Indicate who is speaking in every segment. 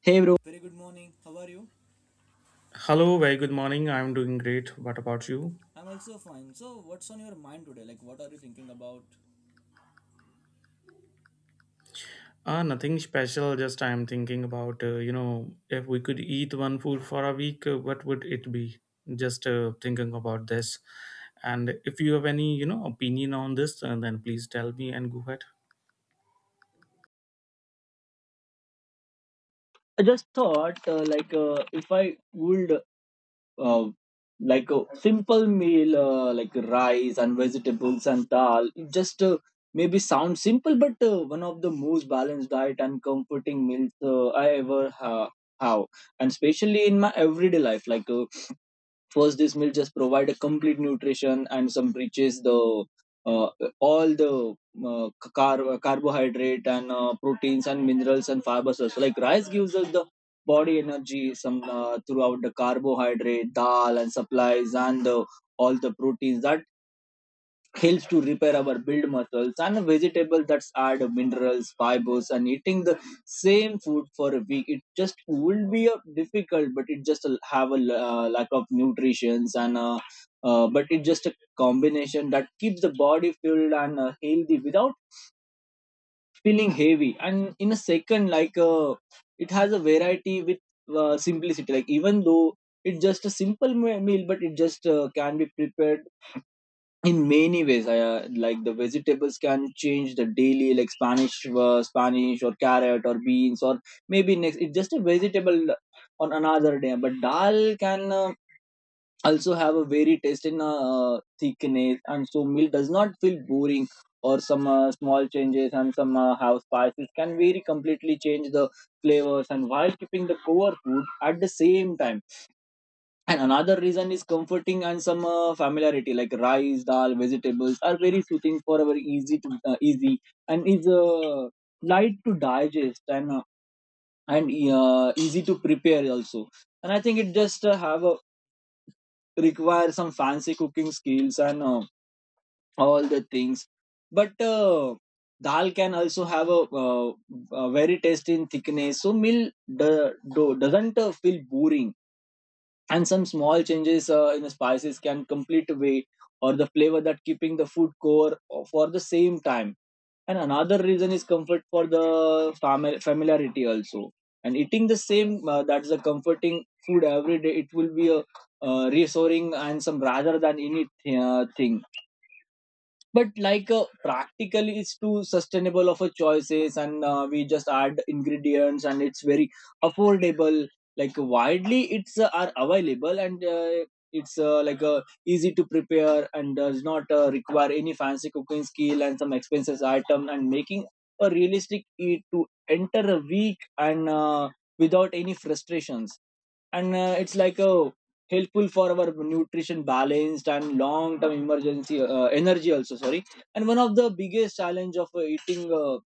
Speaker 1: Hey, bro. Very good morning. How are you?
Speaker 2: Hello, very good morning. I'm doing great. What about you?
Speaker 1: I'm also fine. So, what's on your mind today? Like, what are you thinking about?
Speaker 2: Nothing special. Just I'm thinking about, if we could eat one food for a week, what would it be? Just thinking about this. And if you have any, opinion on this, then please tell me and go ahead.
Speaker 1: I just thought like if I would uh, like a simple meal like rice and vegetables and dal, it just maybe sounds simple, but one of the most balanced diet and comforting meals I ever have, and especially in my everyday life like first, this meal just provide a complete nutrition and some riches the uh, all the uh, carbohydrate and proteins and minerals and fibers. So, like, rice gives us the body energy some throughout the carbohydrate, dal and supplies and the all the proteins that helps to repair our build muscles, and vegetables that add minerals fibers, and eating the same food for a week it just will be difficult, but it just have a lack of nutritions and but it's just a combination that keeps the body filled and healthy without feeling heavy. And in a second, like it has a variety with simplicity, like, even though it's just a simple meal, but it just can be prepared in many ways. Like, the vegetables can change the daily, like, spanish spanish or carrot or beans, or maybe next it's just a vegetable on another day. But dal can also have a very taste in thickness, and so meal does not feel boring, or some small changes and some house spices can very completely change the flavors, and while keeping the core food at the same time. And another reason is comforting and some familiarity, like rice, dal, vegetables, are very soothing for our easy to easy, and is light to digest, and and easy to prepare also. And I think it just have a require some fancy cooking skills, and all the things. But dal can also have a very tasty in thickness, so meal doesn't feel boring, and some small changes in the spices can complete weight or the flavor that keeping the food core for the same time. And another reason is comfort for the familiarity also, and eating the same that's a comforting food every day, it will be a reassuring and some rather than anything thing. But like practical is too sustainable of a choices, and we just add ingredients and it's very affordable, like, widely it's are available, and it's like easy to prepare and does not require any fancy cooking skill and some expensive item, and making a realistic eat to enter a week, and without any frustrations. And it's like a helpful for our nutrition balanced and long term emergency energy also, sorry. And one of the biggest challenge of eating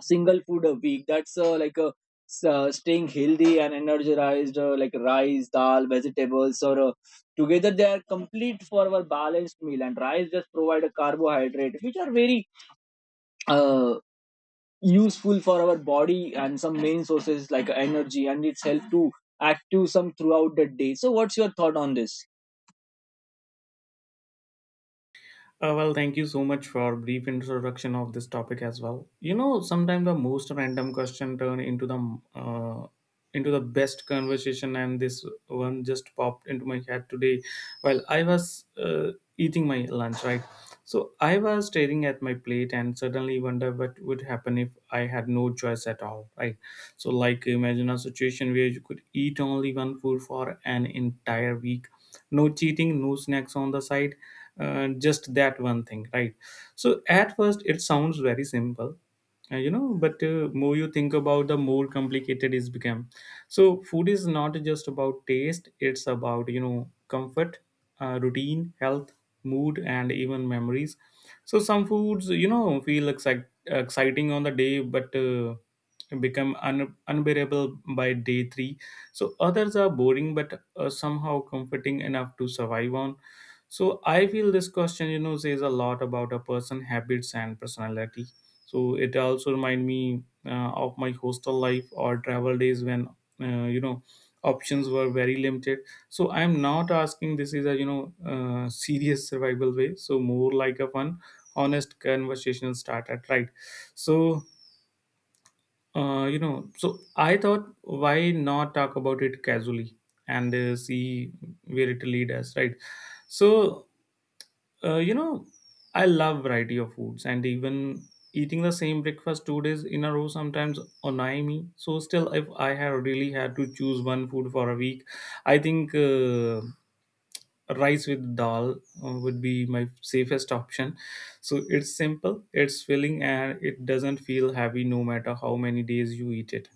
Speaker 1: single food a week, that's like a staying healthy and energized, like rice, dal, vegetables, or together, they are complete for our balanced meal, and rice just provide a carbohydrate which are very uh, useful for our body and some main sources like energy, and it's help to active some throughout the day. So, what's your thought on this?
Speaker 2: Thank you so much for brief introduction of this topic as well. Sometimes the most random question turn into the best conversation, and this one just popped into my head today while I was eating my lunch. Right, so I was staring at my plate and suddenly wonder what would happen if I had no choice at all. Right, so like imagine a situation where you could eat only one food for an entire week. No cheating, no snacks on the side, just that one thing, right? So at first it sounds very simple. But more you think about the more complicated it's become. So food is not just about taste, it's about, comfort, routine, health, mood, and even memories. So some foods, feel exciting on the day, but become unbearable by day 3. So others are boring but somehow comforting enough to survive on. So I feel this question, says a lot about a person habits and personality. So it also remind me of my hostel life or travel days when, uh, you know options were very limited. So I am not asking this is a, serious survival way, so more like a fun, honest conversational starter, right? So uh, you know, so I thought, why not talk about it casually, and see where it lead us, right? So, uh, you know, I love variety of foods, and even eating the same breakfast 2 days in a row sometimes annoy me. So, still, if I have really had to choose one food for a week, I think, rice with dal would be my safest option. So, it's simple, it's filling, and it doesn't feel heavy no matter how many days you eat it.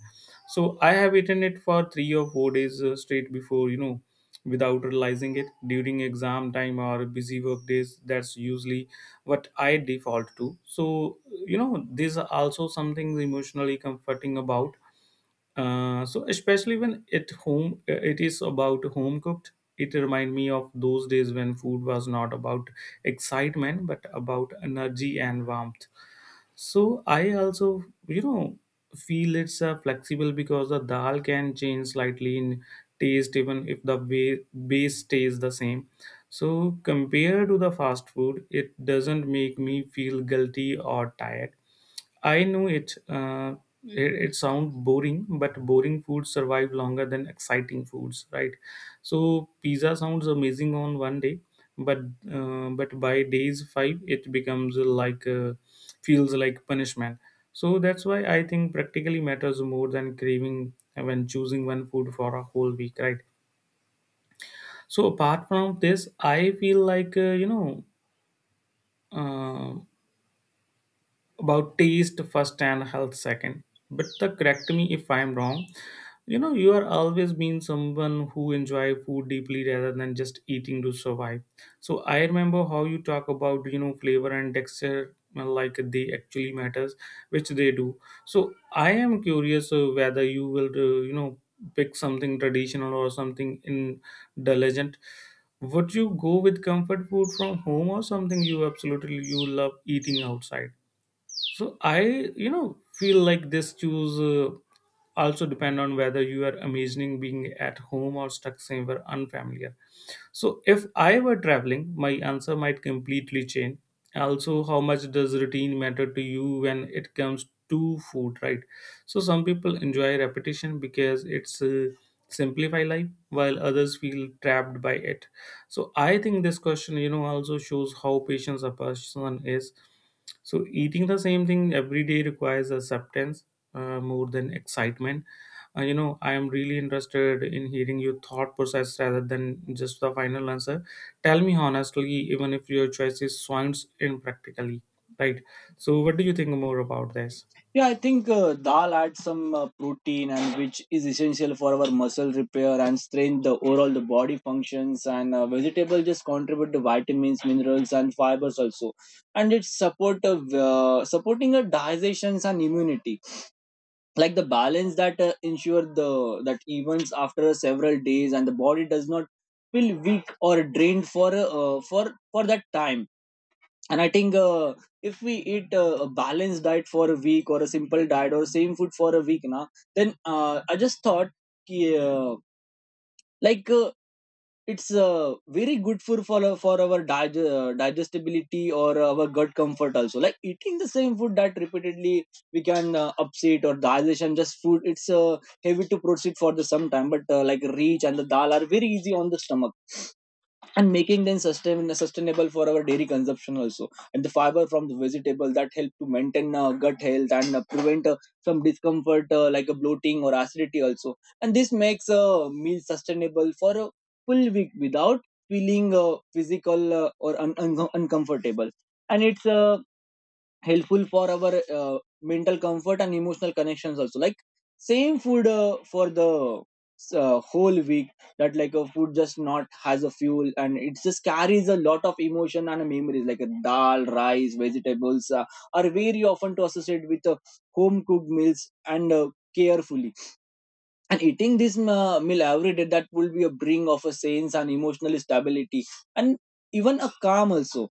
Speaker 2: So I have eaten it for 3 or 4 days, straight before, without realizing it during exam time or busy work days. That's usually what I default to. So, there's also something emotionally comforting about. So especially when it home, it is about home cooked. It remind me of those days when food was not about excitement but about energy and warmth. So I also, feel it's flexible because the dal can change slightly in taste even if the base stays the same. So compared to the fast food, it doesn't make me feel guilty or tired. I know it. It sounds boring, but boring foods survive longer than exciting foods, right? So pizza sounds amazing on one day, but but by days five, it becomes like, feels like punishment. So that's why I think practically matters more than craving when choosing one food for a whole week, right? So apart from this, I feel like Uh, about taste first and health second. But the correct me if I'm wrong. You are always been someone who enjoy food deeply rather than just eating to survive. So I remember how you talk about, flavor and texture, like they actually matters, which they do. So I am curious whether you will, pick something traditional or something indulgent. Would you go with comfort food from home or something you absolutely you love eating outside? So I, feel like this choose, also depend on whether you are imagining being at home or stuck somewhere unfamiliar. So if I were traveling, my answer might completely change. Also, how much does routine matter to you when it comes to food, right? So some people enjoy repetition because it's simplify life, while others feel trapped by it. So I think this question, also shows how patient a person is. So eating the same thing every day requires acceptance more than excitement. I am really interested in hearing your thought process rather than just the final answer. Tell me honestly, even if your choices sounds impractically, right? So, what do you think more about this?
Speaker 1: Yeah, I think dal adds some protein, and which is essential for our muscle repair and strength, the overall the body functions, and vegetable just contribute the vitamins, minerals and fibers also, and it support of supporting a digestions and immunity, like the balance that ensure the that events after several days, and the body does not feel weak or drained for for that time. And I think if we eat a balanced diet for a week, or a simple diet, or same food for a week, na, then I just thought ki, like it's very good for our digestibility or our gut comfort also, like eating the same food that repeatedly we can upset or digestion, just food it's heavy to proceed for the some time. But like reach and the dal are very easy on the stomach, and making them sustainable for our dairy consumption also. And the fiber from the vegetable that help to maintain gut health and prevent some discomfort like a bloating or acidity also, and this makes a meal sustainable for a full week without feeling physical or uncomfortable. And it's helpful for our mental comfort and emotional connections also, like same food for the whole week, that like a food just not has a fuel, and it just carries a lot of emotion and memories, like a dal, rice, vegetables are very often to associate with home cooked meals and carefully, and eating this meal every day, that will be a bring of a sense and emotional stability, and even a calm also.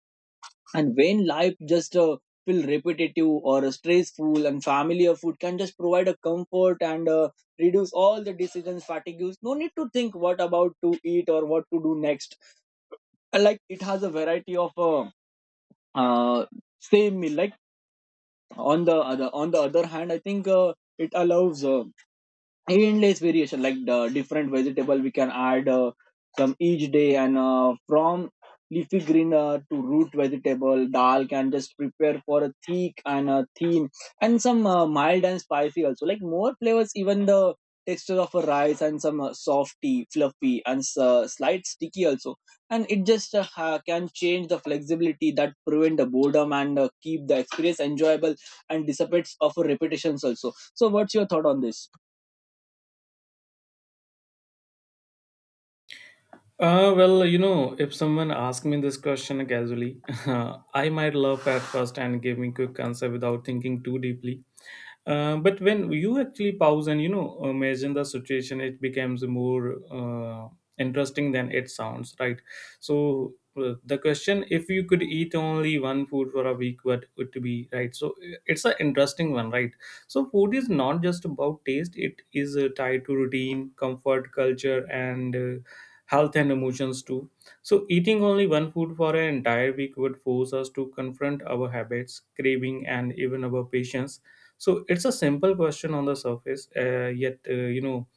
Speaker 1: And when life just feel repetitive or stressful, and familiar food can just provide a comfort and reduce all the decisions fatigues. No need to think what about to eat or what to do next. And, like, it has a variety of uh, same meal. Like, on the other hand, I think it allows endless variation, like the different vegetable we can add some each day, and from leafy green to root vegetable, dal can just prepare for a thick and a thin, and some mild and spicy also, like more flavors, even the texture of a rice and some softy, fluffy and slight sticky also, and it just can change the flexibility that prevent the boredom and keep the experience enjoyable and dissipates of repetitions also. So, what's your thought on this?
Speaker 2: If someone asked me this question casually, I might laugh at first and give me quick answer without thinking too deeply. But when you actually pause and, imagine the situation, it becomes more interesting than it sounds, right? So the question, if you could eat only one food for a week, what would it be, right? So it's an interesting one, right? So food is not just about taste; it is tied to routine, comfort, culture, and health and emotions too. So, eating only one food for an entire week would force us to confront our habits, craving, and even our patience. So it's a simple question on the surface, yet, uh, you know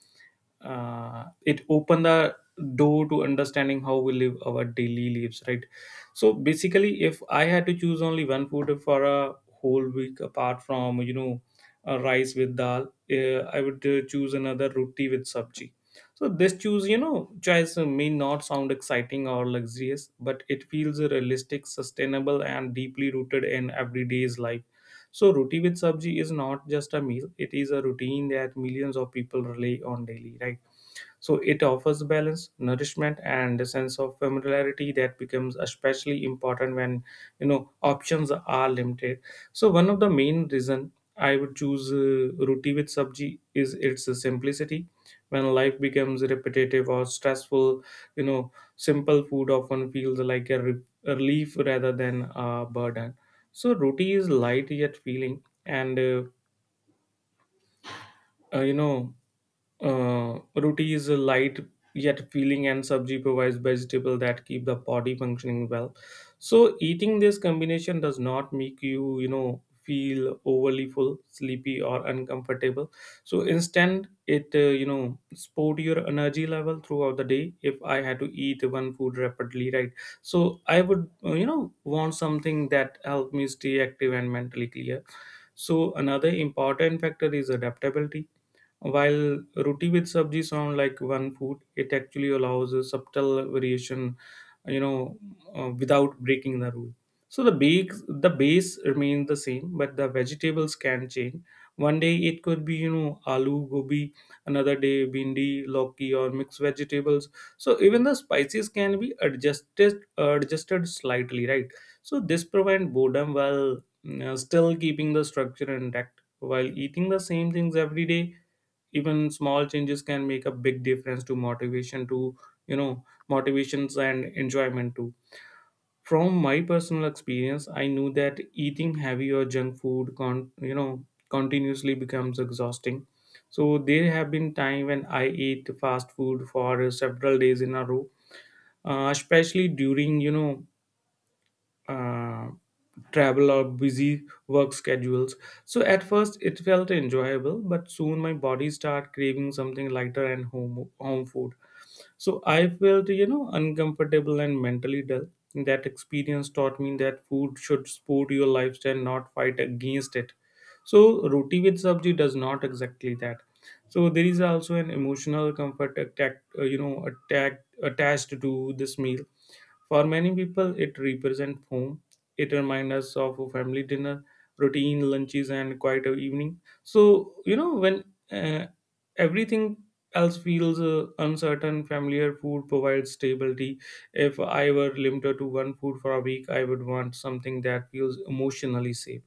Speaker 2: uh, it opened the door to understanding how we live our daily lives, right? So basically, if I had to choose only one food for a whole week, apart from, a rice with dal, I would choose another roti with sabji. So this choose, choice may not sound exciting or luxurious, but it feels realistic, sustainable, and deeply rooted in everyday's life. So, roti with sabji is not just a meal, it is a routine that millions of people rely on daily, right? So it offers balance, nourishment, and a sense of familiarity that becomes especially important when, options are limited. So one of the main reason I would choose roti with sabji is its simplicity. When life becomes repetitive or stressful, simple food often feels like a relief rather than a burden. So roti is light yet feeling, and uh, you know roti is a light yet filling and sabji provides vegetable that keep the body functioning well. So eating this combination does not make you, feel overly full, sleepy or uncomfortable. So instead it, support your energy level throughout the day. If I had to eat one food rapidly, right? So I would, want something that help me stay active and mentally clear. So another important factor is adaptability. While roti with sabji sound like one food, it actually allows a subtle variation, you know, without breaking the rule. So the base remains the same, but the vegetables can change. One day it could be, aloo gobi, another day bindi, loki, or mixed vegetables. So even the spices can be adjusted slightly, right? So this prevent boredom while still keeping the structure intact. While eating the same things every day, even small changes can make a big difference to motivation to, motivations and enjoyment too. From my personal experience I knew that eating heavy or junk food, continuously becomes exhausting. So there have been time when I ate fast food for several days in a row, especially during, uh, travel or busy work schedules. So at first it felt enjoyable, but soon my body started craving something lighter and home food. So I felt, uncomfortable and mentally dull. That experience taught me that food should support your lifestyle, not fight against it. So roti with sabji does not exactly that. So there is also an emotional comfort attack attached to this meal. For many people, it represents home. It reminds us of a family dinner, routine lunches, and quiet evening. So, when uh, everything else feels uncertain, familiar food provides stability. If I were limited to one food for a week, I would want something that feels emotionally safe.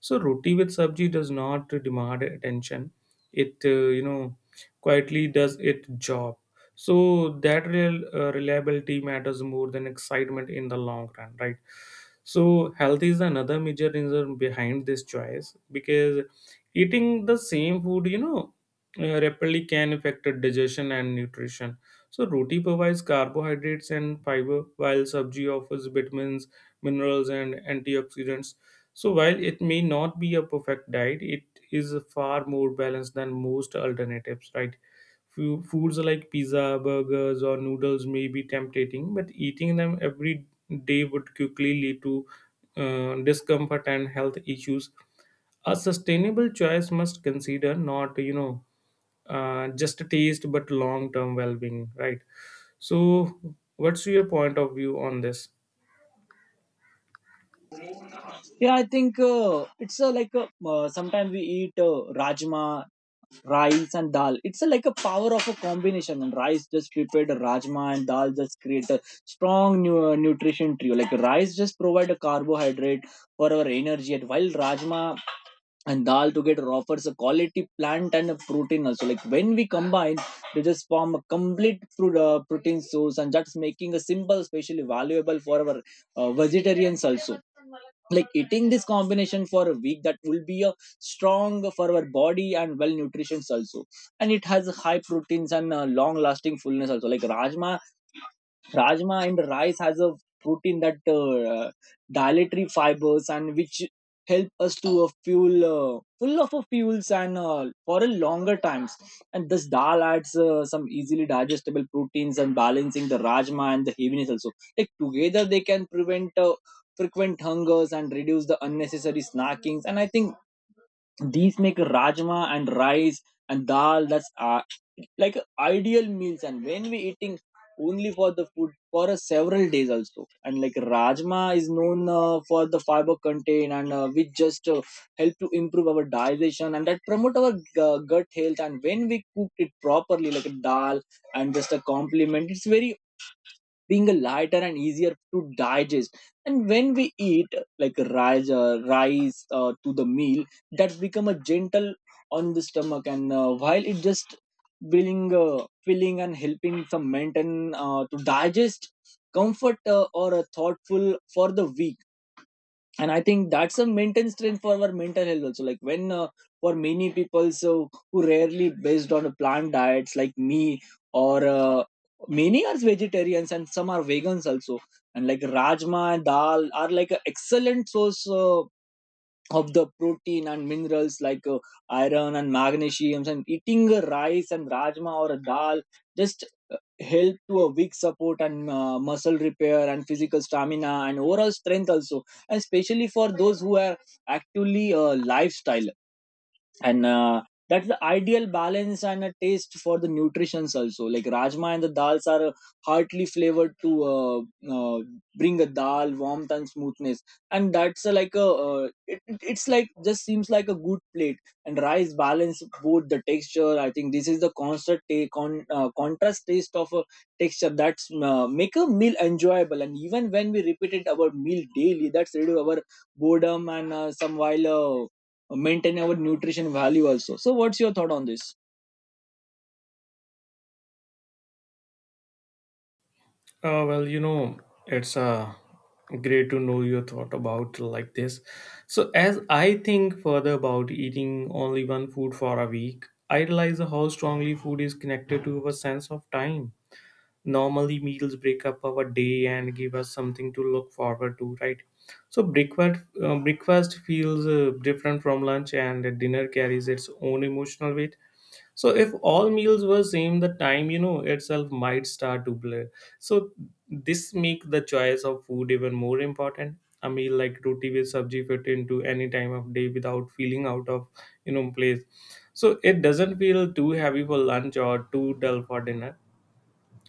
Speaker 2: So, roti with sabji does not demand attention. It, you know, quietly does its job so that real reliability matters more than excitement in the long run, right? So health is another major reason behind this choice because eating the same food, rapidly can affect digestion and nutrition. So roti provides carbohydrates and fiber while sabji offers vitamins, minerals and antioxidants. So while it may not be a perfect diet, it is far more balanced than most alternatives, right? Few foods like pizza, burgers, or noodles may be tempting, but eating them every day would quickly lead to discomfort and health issues. A sustainable choice must consider not, just taste, but long-term well-being, right? So, what's your point of view on this?
Speaker 1: Yeah, I think it's like a, sometimes we eat rajma, rice, and dal. It's like a power of a combination. And rice just prepared, rajma and dal just create a strong nutrition trio. Like, rice just provide a carbohydrate for our energy, and while rajma and dal together offers a quality plant and a protein also. Like, when we combine, they just form a complete fruit, protein source, and that's making a simple, especially valuable for our vegetarians also, like eating this combination for a week, that will be a strong for our body and well nutrition also. And it has high proteins and long lasting fullness also, like rajma, rajma and rice has a protein that dietary fibers, and which help us to fuel full of fuels, and for a longer times. And this dal adds some easily digestible proteins and balancing the rajma and the heaviness also, like together they can prevent frequent hungers and reduce the unnecessary snackings. And I think these make rajma and rice and dal, that's like ideal meals. And when we eating only for the food for a several days also. And like, rajma is known for the fiber content and which just help to improve our digestion and that promote our gut health. And when we cook it properly, like a dal and just a compliment, it's very being lighter and easier to digest. And when we eat like rice to the meal, that's become a gentle on the stomach, and while it just bring filling and helping some maintain to digest comfort or a thoughtful for the week. And I think that's a mental strength for our mental health also, like when for many people, so who rarely based on a plant diets like me, or many are vegetarians and some are vegans also, and like rajma and dal are like an excellent source of the protein and minerals, like iron and magnesium, and eating a rice and rajma or a dal just help to a weak support and muscle repair and physical stamina and overall strength also, and especially for those who are actively lifestyle, and that's the ideal balance and a taste for the nutritions also, like rajma and the dals are heartily flavored to uh, bring a dal warmth and smoothness, and that's like a it's like just seems like a good plate, and rice balance both the texture. I think this is the constant take on contrast taste of a texture, that's make a meal enjoyable, and even when we repeat it our meal daily, that's reduce our boredom and some while maintain our nutrition value also. So what's your thought on this?
Speaker 2: Well, it's great to know your thought about like this. So as I think further about eating only one food for a week, I realize how strongly food is connected to our sense of time. Normally meals break up our day and give us something to look forward to, right? So breakfast feels different from lunch, and dinner carries its own emotional weight. So if all meals were same, the time, you know, itself might start to blur. So this make the choice of food even more important. A meal like roti with sabji fit into any time of day without feeling out of, you know, place. So it doesn't feel too heavy for lunch or too dull for dinner,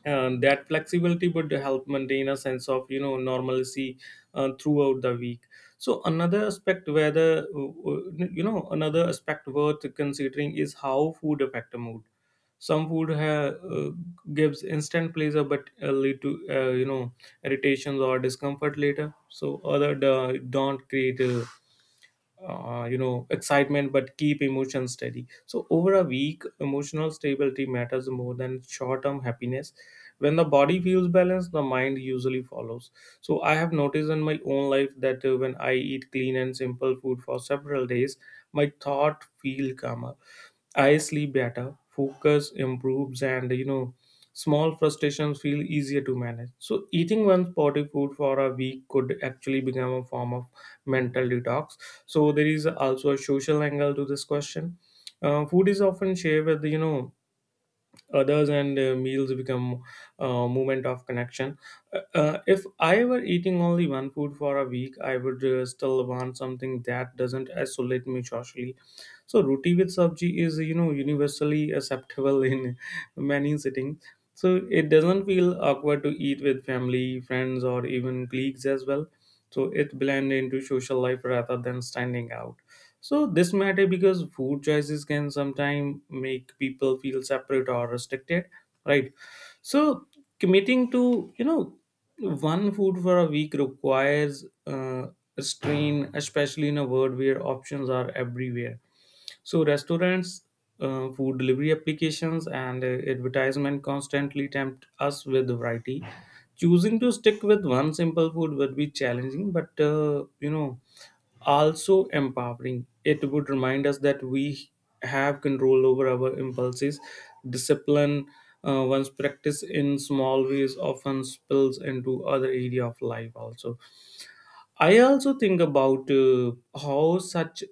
Speaker 2: and that flexibility would help maintain a sense of, you know, normalcy throughout the week. So another aspect where the you know another aspect worth considering is how food affect the mood. Some food gives instant pleasure but lead to, uh, irritations or discomfort later, so other don't create excitement but keep emotions steady. So over a week, emotional stability matters more than short-term happiness. When the body feels balanced, the mind usually follows. So I have noticed in my own life that when I eat clean and simple food for several days, my thought feel calmer. I sleep better, focus improves, and, you know, small frustrations feel easier to manage. So, eating one sporty food for a week could actually become a form of mental detox. So, there is also a social angle to this question. Food is often shared with, you know, others, and meals become a moment of connection. If I were eating only one food for a week, I would still want something that doesn't isolate me socially. So roti with sabji is, you know, universally acceptable in many settings. So it doesn't feel awkward to eat with family, friends, or even colleagues as well. So it blend into social life rather than standing out. So this matter because food choices can sometimes make people feel separate or restricted, right? So committing to, you know, one food for a week requires a strain, especially in a world where options are everywhere. So restaurants, food delivery applications, and advertisement constantly tempt us with variety. Choosing to stick with one simple food would be challenging, but, you know, also empowering. It would remind us that we have control over our impulses. Discipline, one's practice in small ways, often spills into other area of life also. I also think about how such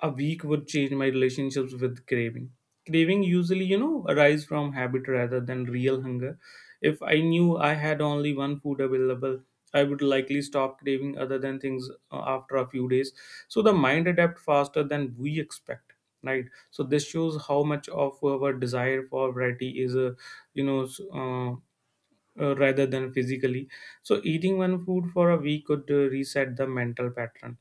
Speaker 2: a week would change my relationships with craving. Craving usually, you know, arise from habit rather than real hunger. If I knew I had only one food available, I would likely stop craving other than things after a few days. So the mind adapts faster than we expect, right? So this shows how much of our desire for variety is, you know, s- uh, rather than physically. So eating one food for a week could reset the mental pattern.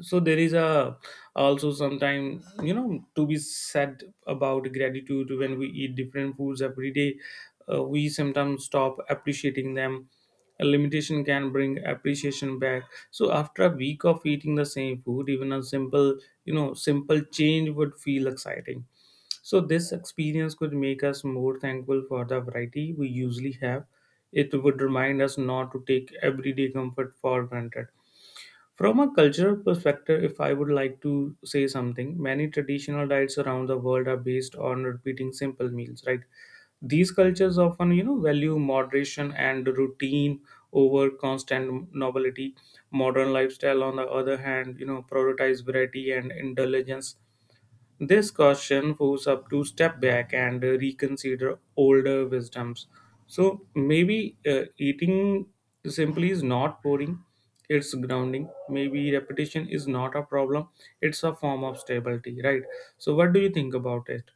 Speaker 2: So there is a also sometime, you know, to be said about gratitude. When we eat different foods every day, we sometimes stop appreciating them. A limitation can bring appreciation back. So after a week of eating the same food, even a simple you know simple change would feel exciting. So this experience could make us more thankful for the variety we usually have. It would remind us not to take everyday comfort for granted. From a cultural perspective, if I would like to say something, many traditional diets around the world are based on repeating simple meals, right? These cultures often, you know, value moderation and routine over constant novelty. Modern lifestyle, on the other hand, you know, prioritize variety and indulgence. This caution forces us to step back and reconsider older wisdoms. So maybe eating simply is not boring, it's grounding. Maybe repetition is not a problem, it's a form of stability, right? So, what do you think about it?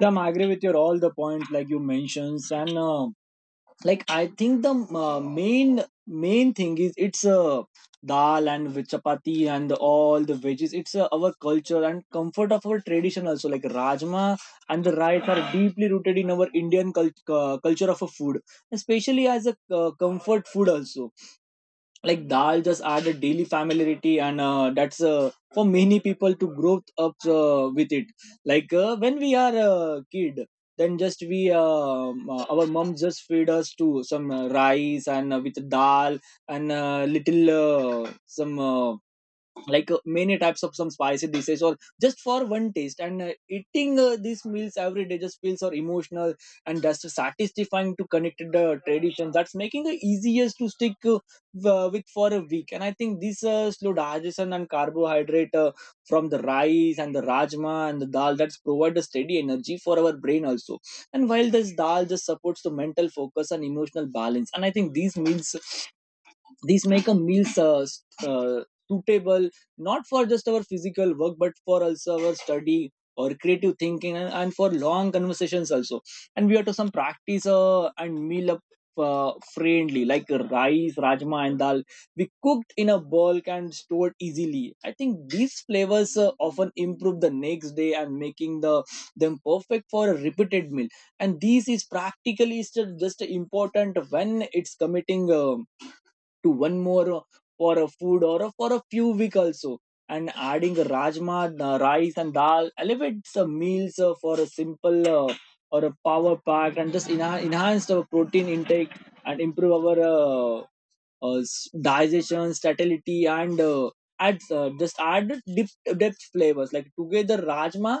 Speaker 1: Yeah, I'm agree with your all the points like you mentioned and like I think the uh, main main thing is it's dal and with chapati and the, all the veggies it's our culture and comfort of our tradition also like rajma and the rice are deeply rooted in our culture of a food, especially as a comfort food also. Like dal just add a daily familiarity and that's for many people to grow up with it. Like when we are a kid, then just we our mom just feed us to some rice and with dal and little some like many types of some spicy dishes or just for one taste, and eating these meals every day just feels so emotional and just satisfying to connect the tradition, that's making it easiest to stick with for a week. And I think this slow digestion and carbohydrate from the rice and the rajma and the dal, that's provide a steady energy for our brain also. And while this dal just supports the mental focus and emotional balance. And I think these meals, these make a meal uh, suitable not for just our physical work but for also our study or creative thinking, and for long conversations also. And we have to some practice and meal up friendly, like rice, rajma and dal, we cooked in a bulk and stored easily. I think these flavors often improve the next day and making the them perfect for a repeated meal. And this is practically just important when it's committing to one more for a food or for a few week also. And adding rajma rice and dal elevates the meals for a simple or a power pack and just enhance our protein intake and improve our digestion satiety, and adds just add deep depth flavors. Like together rajma,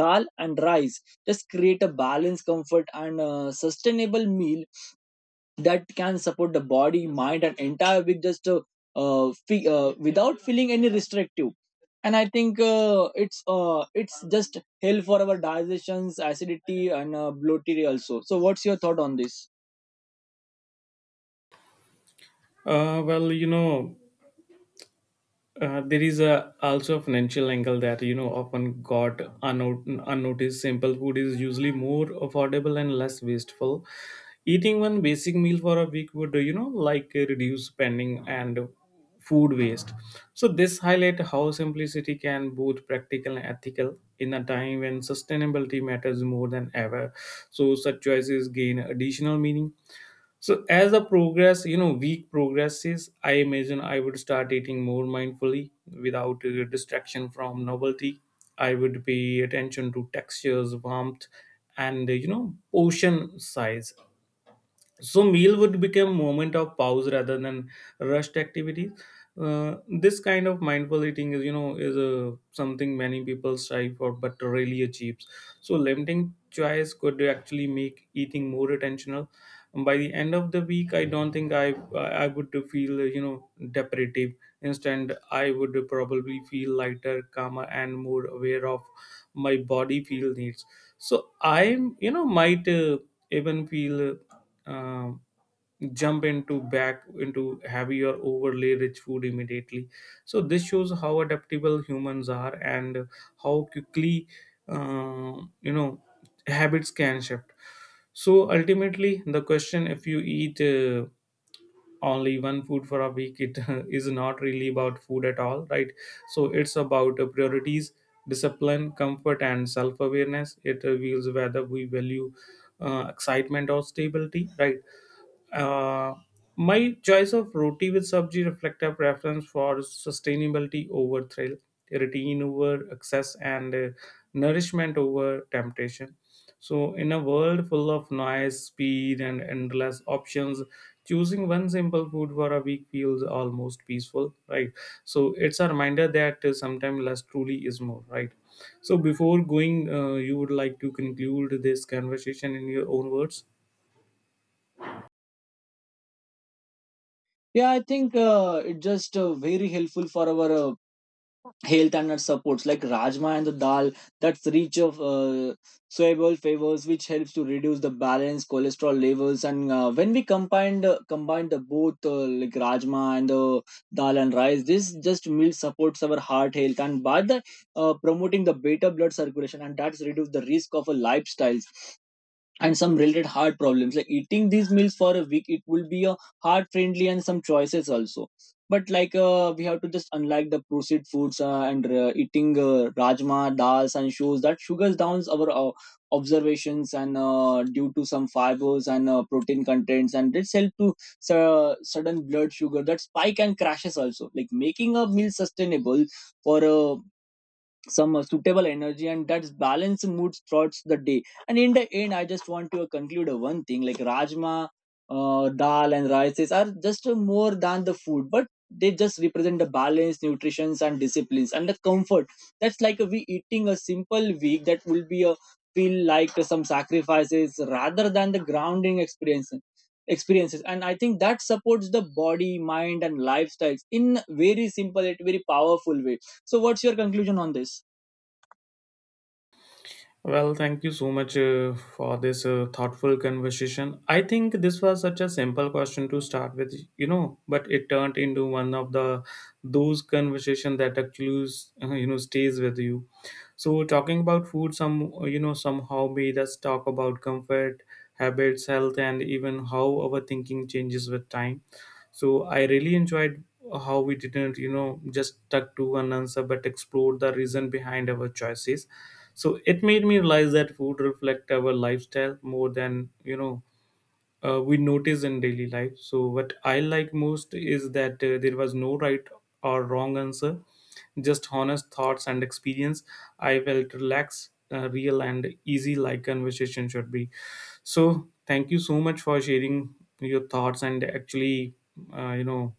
Speaker 1: dal and rice just create a balanced comfort and sustainable meal that can support the body, mind, and entire week just without feeling any restrictive. And I think it's just hell for our digestions, acidity, and bloating also. So, what's your thought on this?
Speaker 2: Well, there is a also a financial angle that, you know, often got unnoticed. Simple food is usually more affordable and less wasteful. Eating one basic meal for a week would, you know, like reduce spending and food waste. So this highlight how simplicity can both practical and ethical in a time when sustainability matters more than ever. So such choices gain additional meaning. So as the progress, you know, week progresses, I imagine I would start eating more mindfully without distraction from novelty. I would pay attention to textures, warmth, and, you know, portion size. So meal would become moment of pause rather than rushed activities. This kind of mindful eating is, you know, is something many people strive for but rarely achieves. So limiting choice could actually make eating more attentional. By the end of the week, I don't think I would feel, you know, deprivative. Instead I would probably feel lighter, calmer, and more aware of my body feel needs. So I'm, you know, might even feel um, jump into back into heavy or overlay rich food immediately. So this shows how adaptable humans are and how quickly, you know, habits can shift. So ultimately the question if you eat only one food for a week, it is not really about food at all, right? So it's about priorities, discipline, comfort, and self-awareness. It reveals whether we value excitement or stability, right? uh, my choice of roti with sabji reflect a preference for sustainability over thrill, routine over excess, and nourishment over temptation. So, in a world full of noise, speed, and endless options, choosing one simple food for a week feels almost peaceful, right? So, it's a reminder that sometimes less truly is more, right? So, before going, you would like to conclude this conversation in your own words.
Speaker 1: Yeah, I think it's just very helpful for our health and nut supports, like rajma and the dal, that's rich of soluble flavors, which helps to reduce the balance cholesterol levels. And when we combine the both like rajma and the dal and rice, this just meal supports our heart health and by the promoting the better blood circulation, and that's reduce the risk of a lifestyle and some related heart problems. Like eating these meals for a week, it will be a heart friendly and some choices also. But like we have to just unlike the processed foods and eating rajma dals and shows that sugars downs our observations and due to some fibers and protein contents, and this help to sudden blood sugar that spike and crashes also, like making a meal sustainable for a some suitable energy and that's balanced moods throughout the day. And in the end, I just want to conclude one thing, like rajma dal and rices are just more than the food, but they just represent the balance nutrition and disciplines and the comfort. That's like we eating a simple week, that will be a feel like some sacrifices rather than the grounding experiences. And I think that supports the body, mind and lifestyles in very simple yet very powerful way. So what's your conclusion on this?
Speaker 2: Well, thank you so much for this thoughtful conversation. I think this was such a simple question to start with, you know, but it turned into one of the those conversation that actually, you know, stays with you. So talking about food, some, you know, somehow made us talk about comfort, habits, health, and even how our thinking changes with time. So I really enjoyed how we didn't, you know, just stuck to one answer, but explored the reason behind our choices. So it made me realize that food reflect our lifestyle more than, you know, we notice in daily life. So what I like most is that there was no right or wrong answer, just honest thoughts and experience. I felt relaxed, real, and easy, like conversation should be. So thank you so much for sharing your thoughts and actually, you know,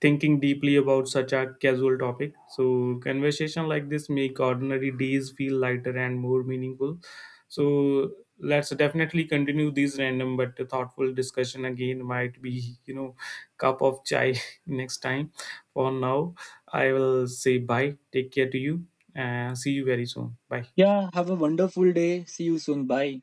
Speaker 2: thinking deeply about such a casual topic. So conversation like this make ordinary days feel lighter and more meaningful. So let's definitely continue these random but thoughtful discussion again. Might be, you know, cup of chai next time. For now, I will say bye. Take care to you and see you very soon. Bye.
Speaker 1: Yeah, have a wonderful day. See you soon. Bye.